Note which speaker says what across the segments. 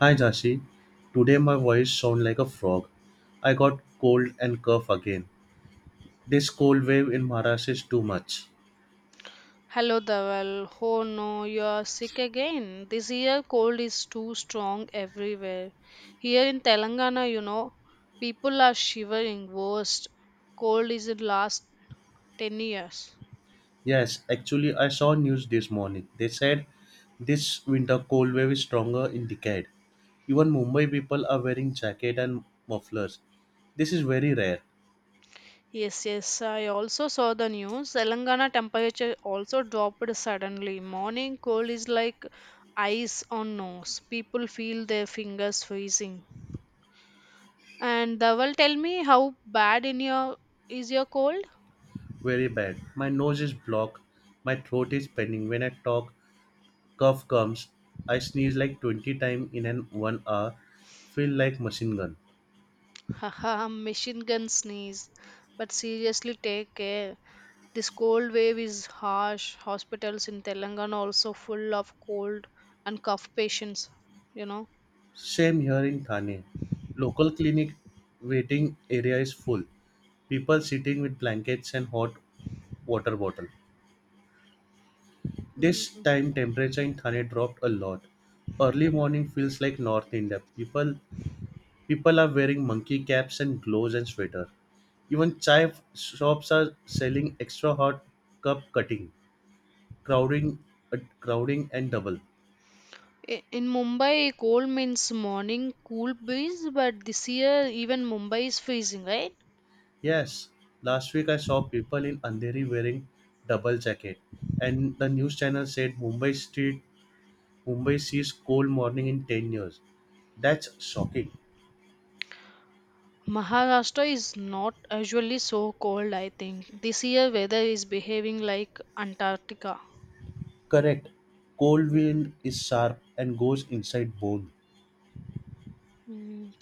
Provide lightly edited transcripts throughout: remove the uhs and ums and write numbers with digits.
Speaker 1: Hi Janshi, today my voice sound like a frog. I got cold and cough again. This cold wave in Maharashtra is too much.
Speaker 2: Hello, Dawal. Oh no, you're sick again. This year cold is too strong everywhere. Here in Telangana, you know, people are shivering worst. Cold is in last 10 years.
Speaker 1: Yes, actually I saw news this morning. They said this winter cold wave is stronger in decade. Even Mumbai people are wearing jacket and mufflers. This is very rare,
Speaker 2: Yes, yes, I also saw the news. Telangana temperature also dropped suddenly. Morning cold is like ice on nose. People feel their fingers freezing. And Dawal, tell me how bad in your is your cold?
Speaker 1: very bad. My nose is blocked, my throat is paining when I talk, cough comes, I sneeze like 20 times in an 1 hour, feel like machine gun.
Speaker 2: Haha, machine gun sneeze. But seriously, take care. This cold wave is harsh. Hospitals in Telangana also full of cold and cough patients. You know,
Speaker 1: Same here in Thane. Local clinic waiting area is full. People sitting with blankets and hot water bottle. This
Speaker 2: hmm.
Speaker 1: time temperature in Thane dropped a lot. Early morning feels like North India. People are wearing monkey caps and gloves and sweater. Even chai shops are selling extra hot cup cutting, crowding, crowding and double.
Speaker 2: In Mumbai, cold means morning cool breeze, but this year even Mumbai is freezing, right?
Speaker 1: Yes, last week I saw people in Andheri wearing double jacket, and the news channel said Mumbai sees cold morning in 10 years. That's shocking.
Speaker 2: Maharashtra is not usually so cold, I think. This year, weather is behaving like Antarctica.
Speaker 1: Correct. Cold wind is sharp and goes inside bone.
Speaker 2: Mm.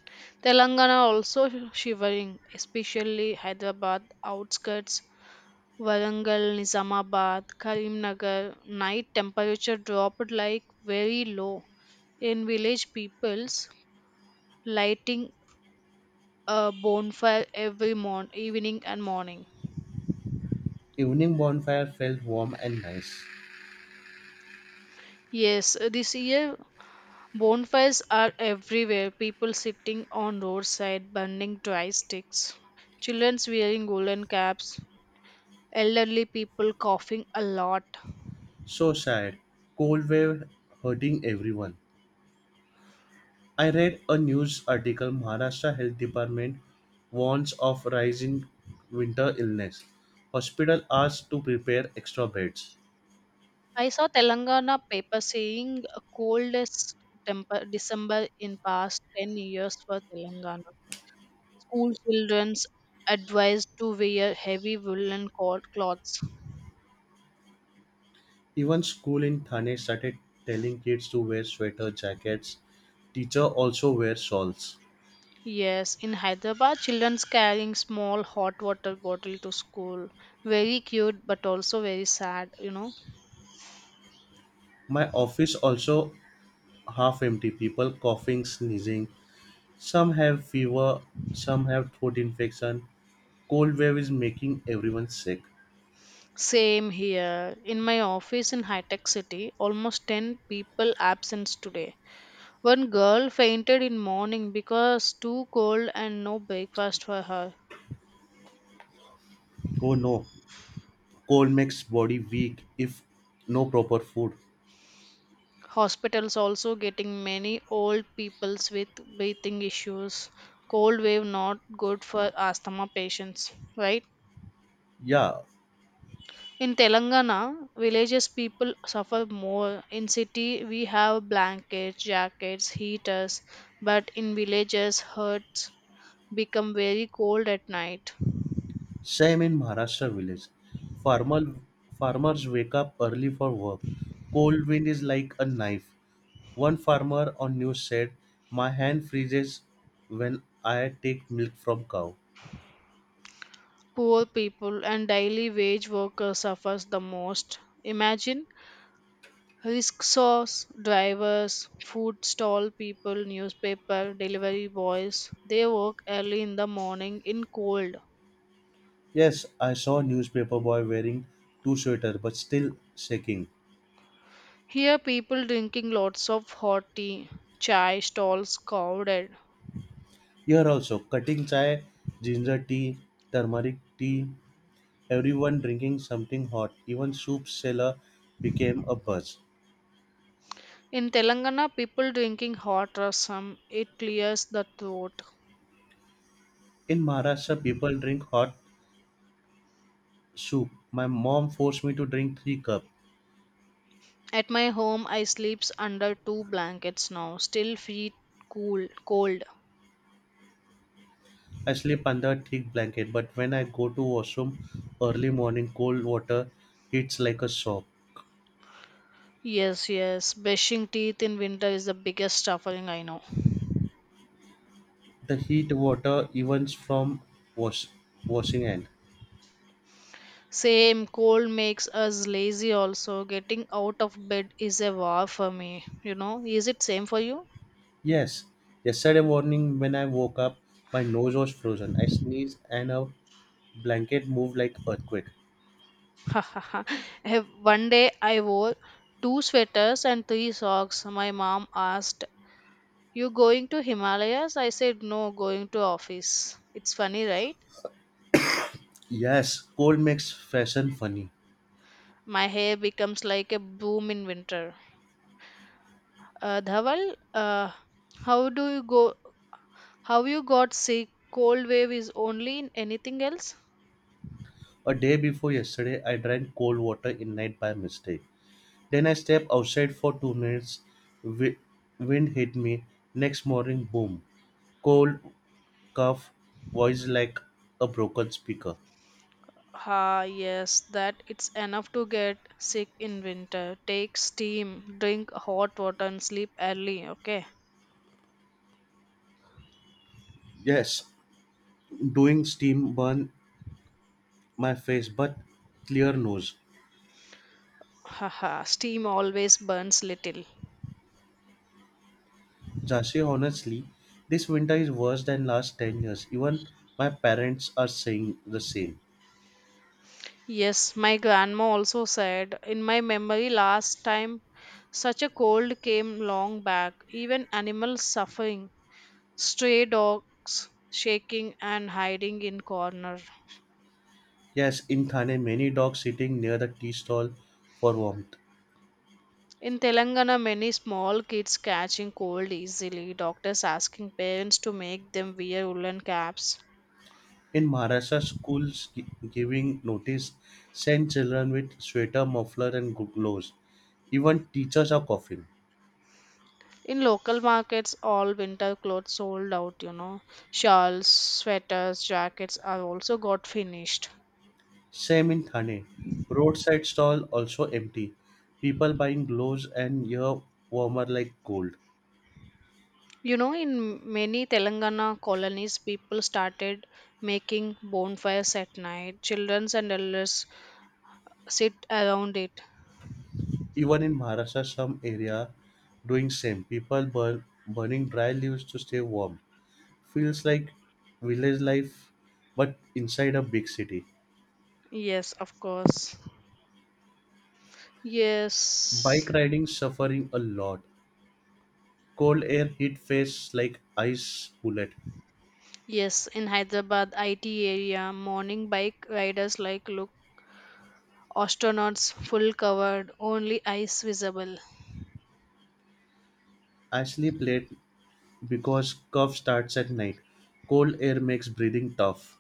Speaker 2: Telangana also shivering, especially Hyderabad outskirts, Warangal, Nizamabad, Karimnagar. Night temperature dropped like very low. In village peoples lighting a bonfire every morn evening and morning.
Speaker 1: Evening bonfire felt warm and nice.
Speaker 2: Yes, this year bonfires are everywhere. People sitting on roadside burning dry sticks. Children wearing woolen caps, elderly people coughing a lot.
Speaker 1: So sad. Cold wave hurting everyone. I read a news article Maharashtra Health Department warns of rising winter illness. Hospital asked to prepare extra beds.
Speaker 2: I saw Telangana paper saying coldest temper December in past 10 years for Telangana. School children's advised to wear heavy woolen cloths.
Speaker 1: Even school in Thane started telling kids to wear sweater jackets. Teacher also wear shawls.
Speaker 2: Yes, in Hyderabad, children's carrying small hot water bottle to school. Very cute, but also very sad, you know.
Speaker 1: My office also half empty people coughing, sneezing. Some have fever, some have throat infection. Cold wave is making everyone sick.
Speaker 2: Same here. In my office in High Tech City, almost 10 people absent today. One girl fainted in morning because too cold and no breakfast for her.
Speaker 1: Oh no, cold makes body weak if no proper food.
Speaker 2: Hospitals also getting many old peoples with breathing issues. Cold wave not good for asthma patients, right?
Speaker 1: Yeah,
Speaker 2: In Telangana, villages people suffer more. In city, we have blankets, jackets, heaters, but in villages, huts become very cold at night.
Speaker 1: same in Maharashtra village. Farmer, farmers wake up early for work. Cold wind is like a knife. One farmer on news said, "My hand freezes when I take milk from cow."
Speaker 2: Poor people and daily wage workers suffers the most. Imagine rickshaws drivers, food stall people, newspaper delivery boys. They work early in the morning in cold.
Speaker 1: Yes, I saw newspaper boy wearing two sweater but still shaking.
Speaker 2: Here people drinking lots of hot tea, chai stalls crowded.
Speaker 1: Here also, cutting chai, ginger tea, turmeric tea. Everyone drinking something hot. Even soup seller became a buzz.
Speaker 2: In Telangana people drinking hot rasam. It clears the throat.
Speaker 1: In Maharashtra, people drink hot soup. My mom forced me to drink three cups.
Speaker 2: At my home I sleeps under two blankets now. Still feel cool cold.
Speaker 1: I sleep under a thick blanket, but when I go to washroom early morning, cold water hits like a shock.
Speaker 2: Yes, yes. Brushing teeth in winter is the biggest suffering I know.
Speaker 1: The heat water even from wash washing hand.
Speaker 2: Same, cold makes us lazy also. Getting out of bed is a war for me. You know, is it same for you?
Speaker 1: Yes, yesterday morning when I woke up, my nose was frozen. I sneezed and a blanket moved like earthquake.
Speaker 2: One day I wore two sweaters and three socks. My mom asked, "You going to Himalayas?" I said, "No, going to office." It's funny, right?
Speaker 1: Yes, cold makes fashion funny.
Speaker 2: My hair becomes like a bloom in winter. Dhaval, how do you go how you got sick? Cold wave is only in anything else?
Speaker 1: A day before yesterday, I drank cold water in night by mistake. Then I stepped outside for 2 minutes. Wi- Wind hit me. Next morning, boom. Cold, cough, voice like a broken speaker.
Speaker 2: Ah, yes, that it's enough to get sick in winter. Take steam, drink hot water, and sleep early, okay?
Speaker 1: Yes, doing steam burn my face, but clear nose.
Speaker 2: Haha, steam always burns little.
Speaker 1: Jasi, honestly, this winter is worse than last 10 years. Even my parents are saying the same.
Speaker 2: Yes, my grandma also said, in my memory, last time such a cold came long back, even animals suffering, stray dogs shaking and hiding in corner.
Speaker 1: Yes, in Thane, many dogs sitting near the tea stall for warmth.
Speaker 2: In Telangana, many small kids catching cold easily, doctors asking parents to make them wear woolen caps.
Speaker 1: In Maharashtra, schools giving notice send children with sweater, muffler, and gloves. Even teachers are coughing.
Speaker 2: In local markets, all winter clothes sold out, you know. Shawls, sweaters, jackets are also got finished.
Speaker 1: Same in Thane. Roadside stall also empty. People buying gloves and ear warmer like gold.
Speaker 2: You know, in many Telangana colonies, people started making bonfires at night. Children and elders sit around it.
Speaker 1: Even in Maharashtra, some area doing same. Burning dry leaves to stay warm. Feels like village life, but inside a big city.
Speaker 2: Yes, of course. Yes.
Speaker 1: Bike riding suffering a lot. Cold air hit face like ice bullet.
Speaker 2: Yes, in Hyderabad IT area, morning bike riders like look astronauts full covered, only eyes visible.
Speaker 1: Ashley played because cough starts at night. Cold air makes breathing tough.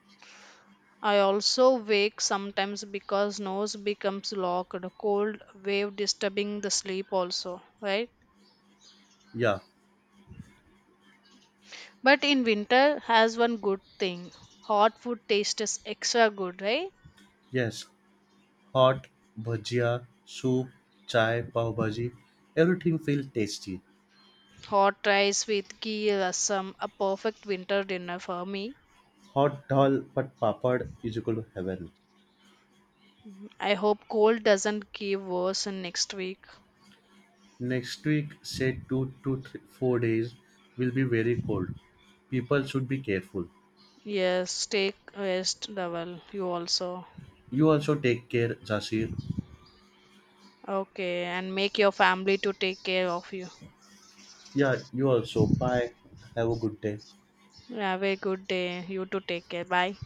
Speaker 2: I also wake sometimes because nose becomes locked, cold wave disturbing the sleep also, right?
Speaker 1: Yeah,
Speaker 2: But in winter has one good thing. Hot food taste is extra good, right?
Speaker 1: yes. Hot, bhajia, soup, chai, pav bhaji. Everything feels tasty.
Speaker 2: Hot rice with ghee rasam, a perfect winter dinner for me.
Speaker 1: Hot dal but papad is equal to heaven.
Speaker 2: I hope cold doesn't give worse in next week.
Speaker 1: Next week, say 2 to 3, 4 days, will be very cold. People should be careful.
Speaker 2: Yes, take rest, Dhaval. You also.
Speaker 1: You also take care, Jasir.
Speaker 2: Okay, and make your family to take care of you.
Speaker 1: Yeah, you also. Bye. Have a good day.
Speaker 2: Have a good day. You to take care. Bye.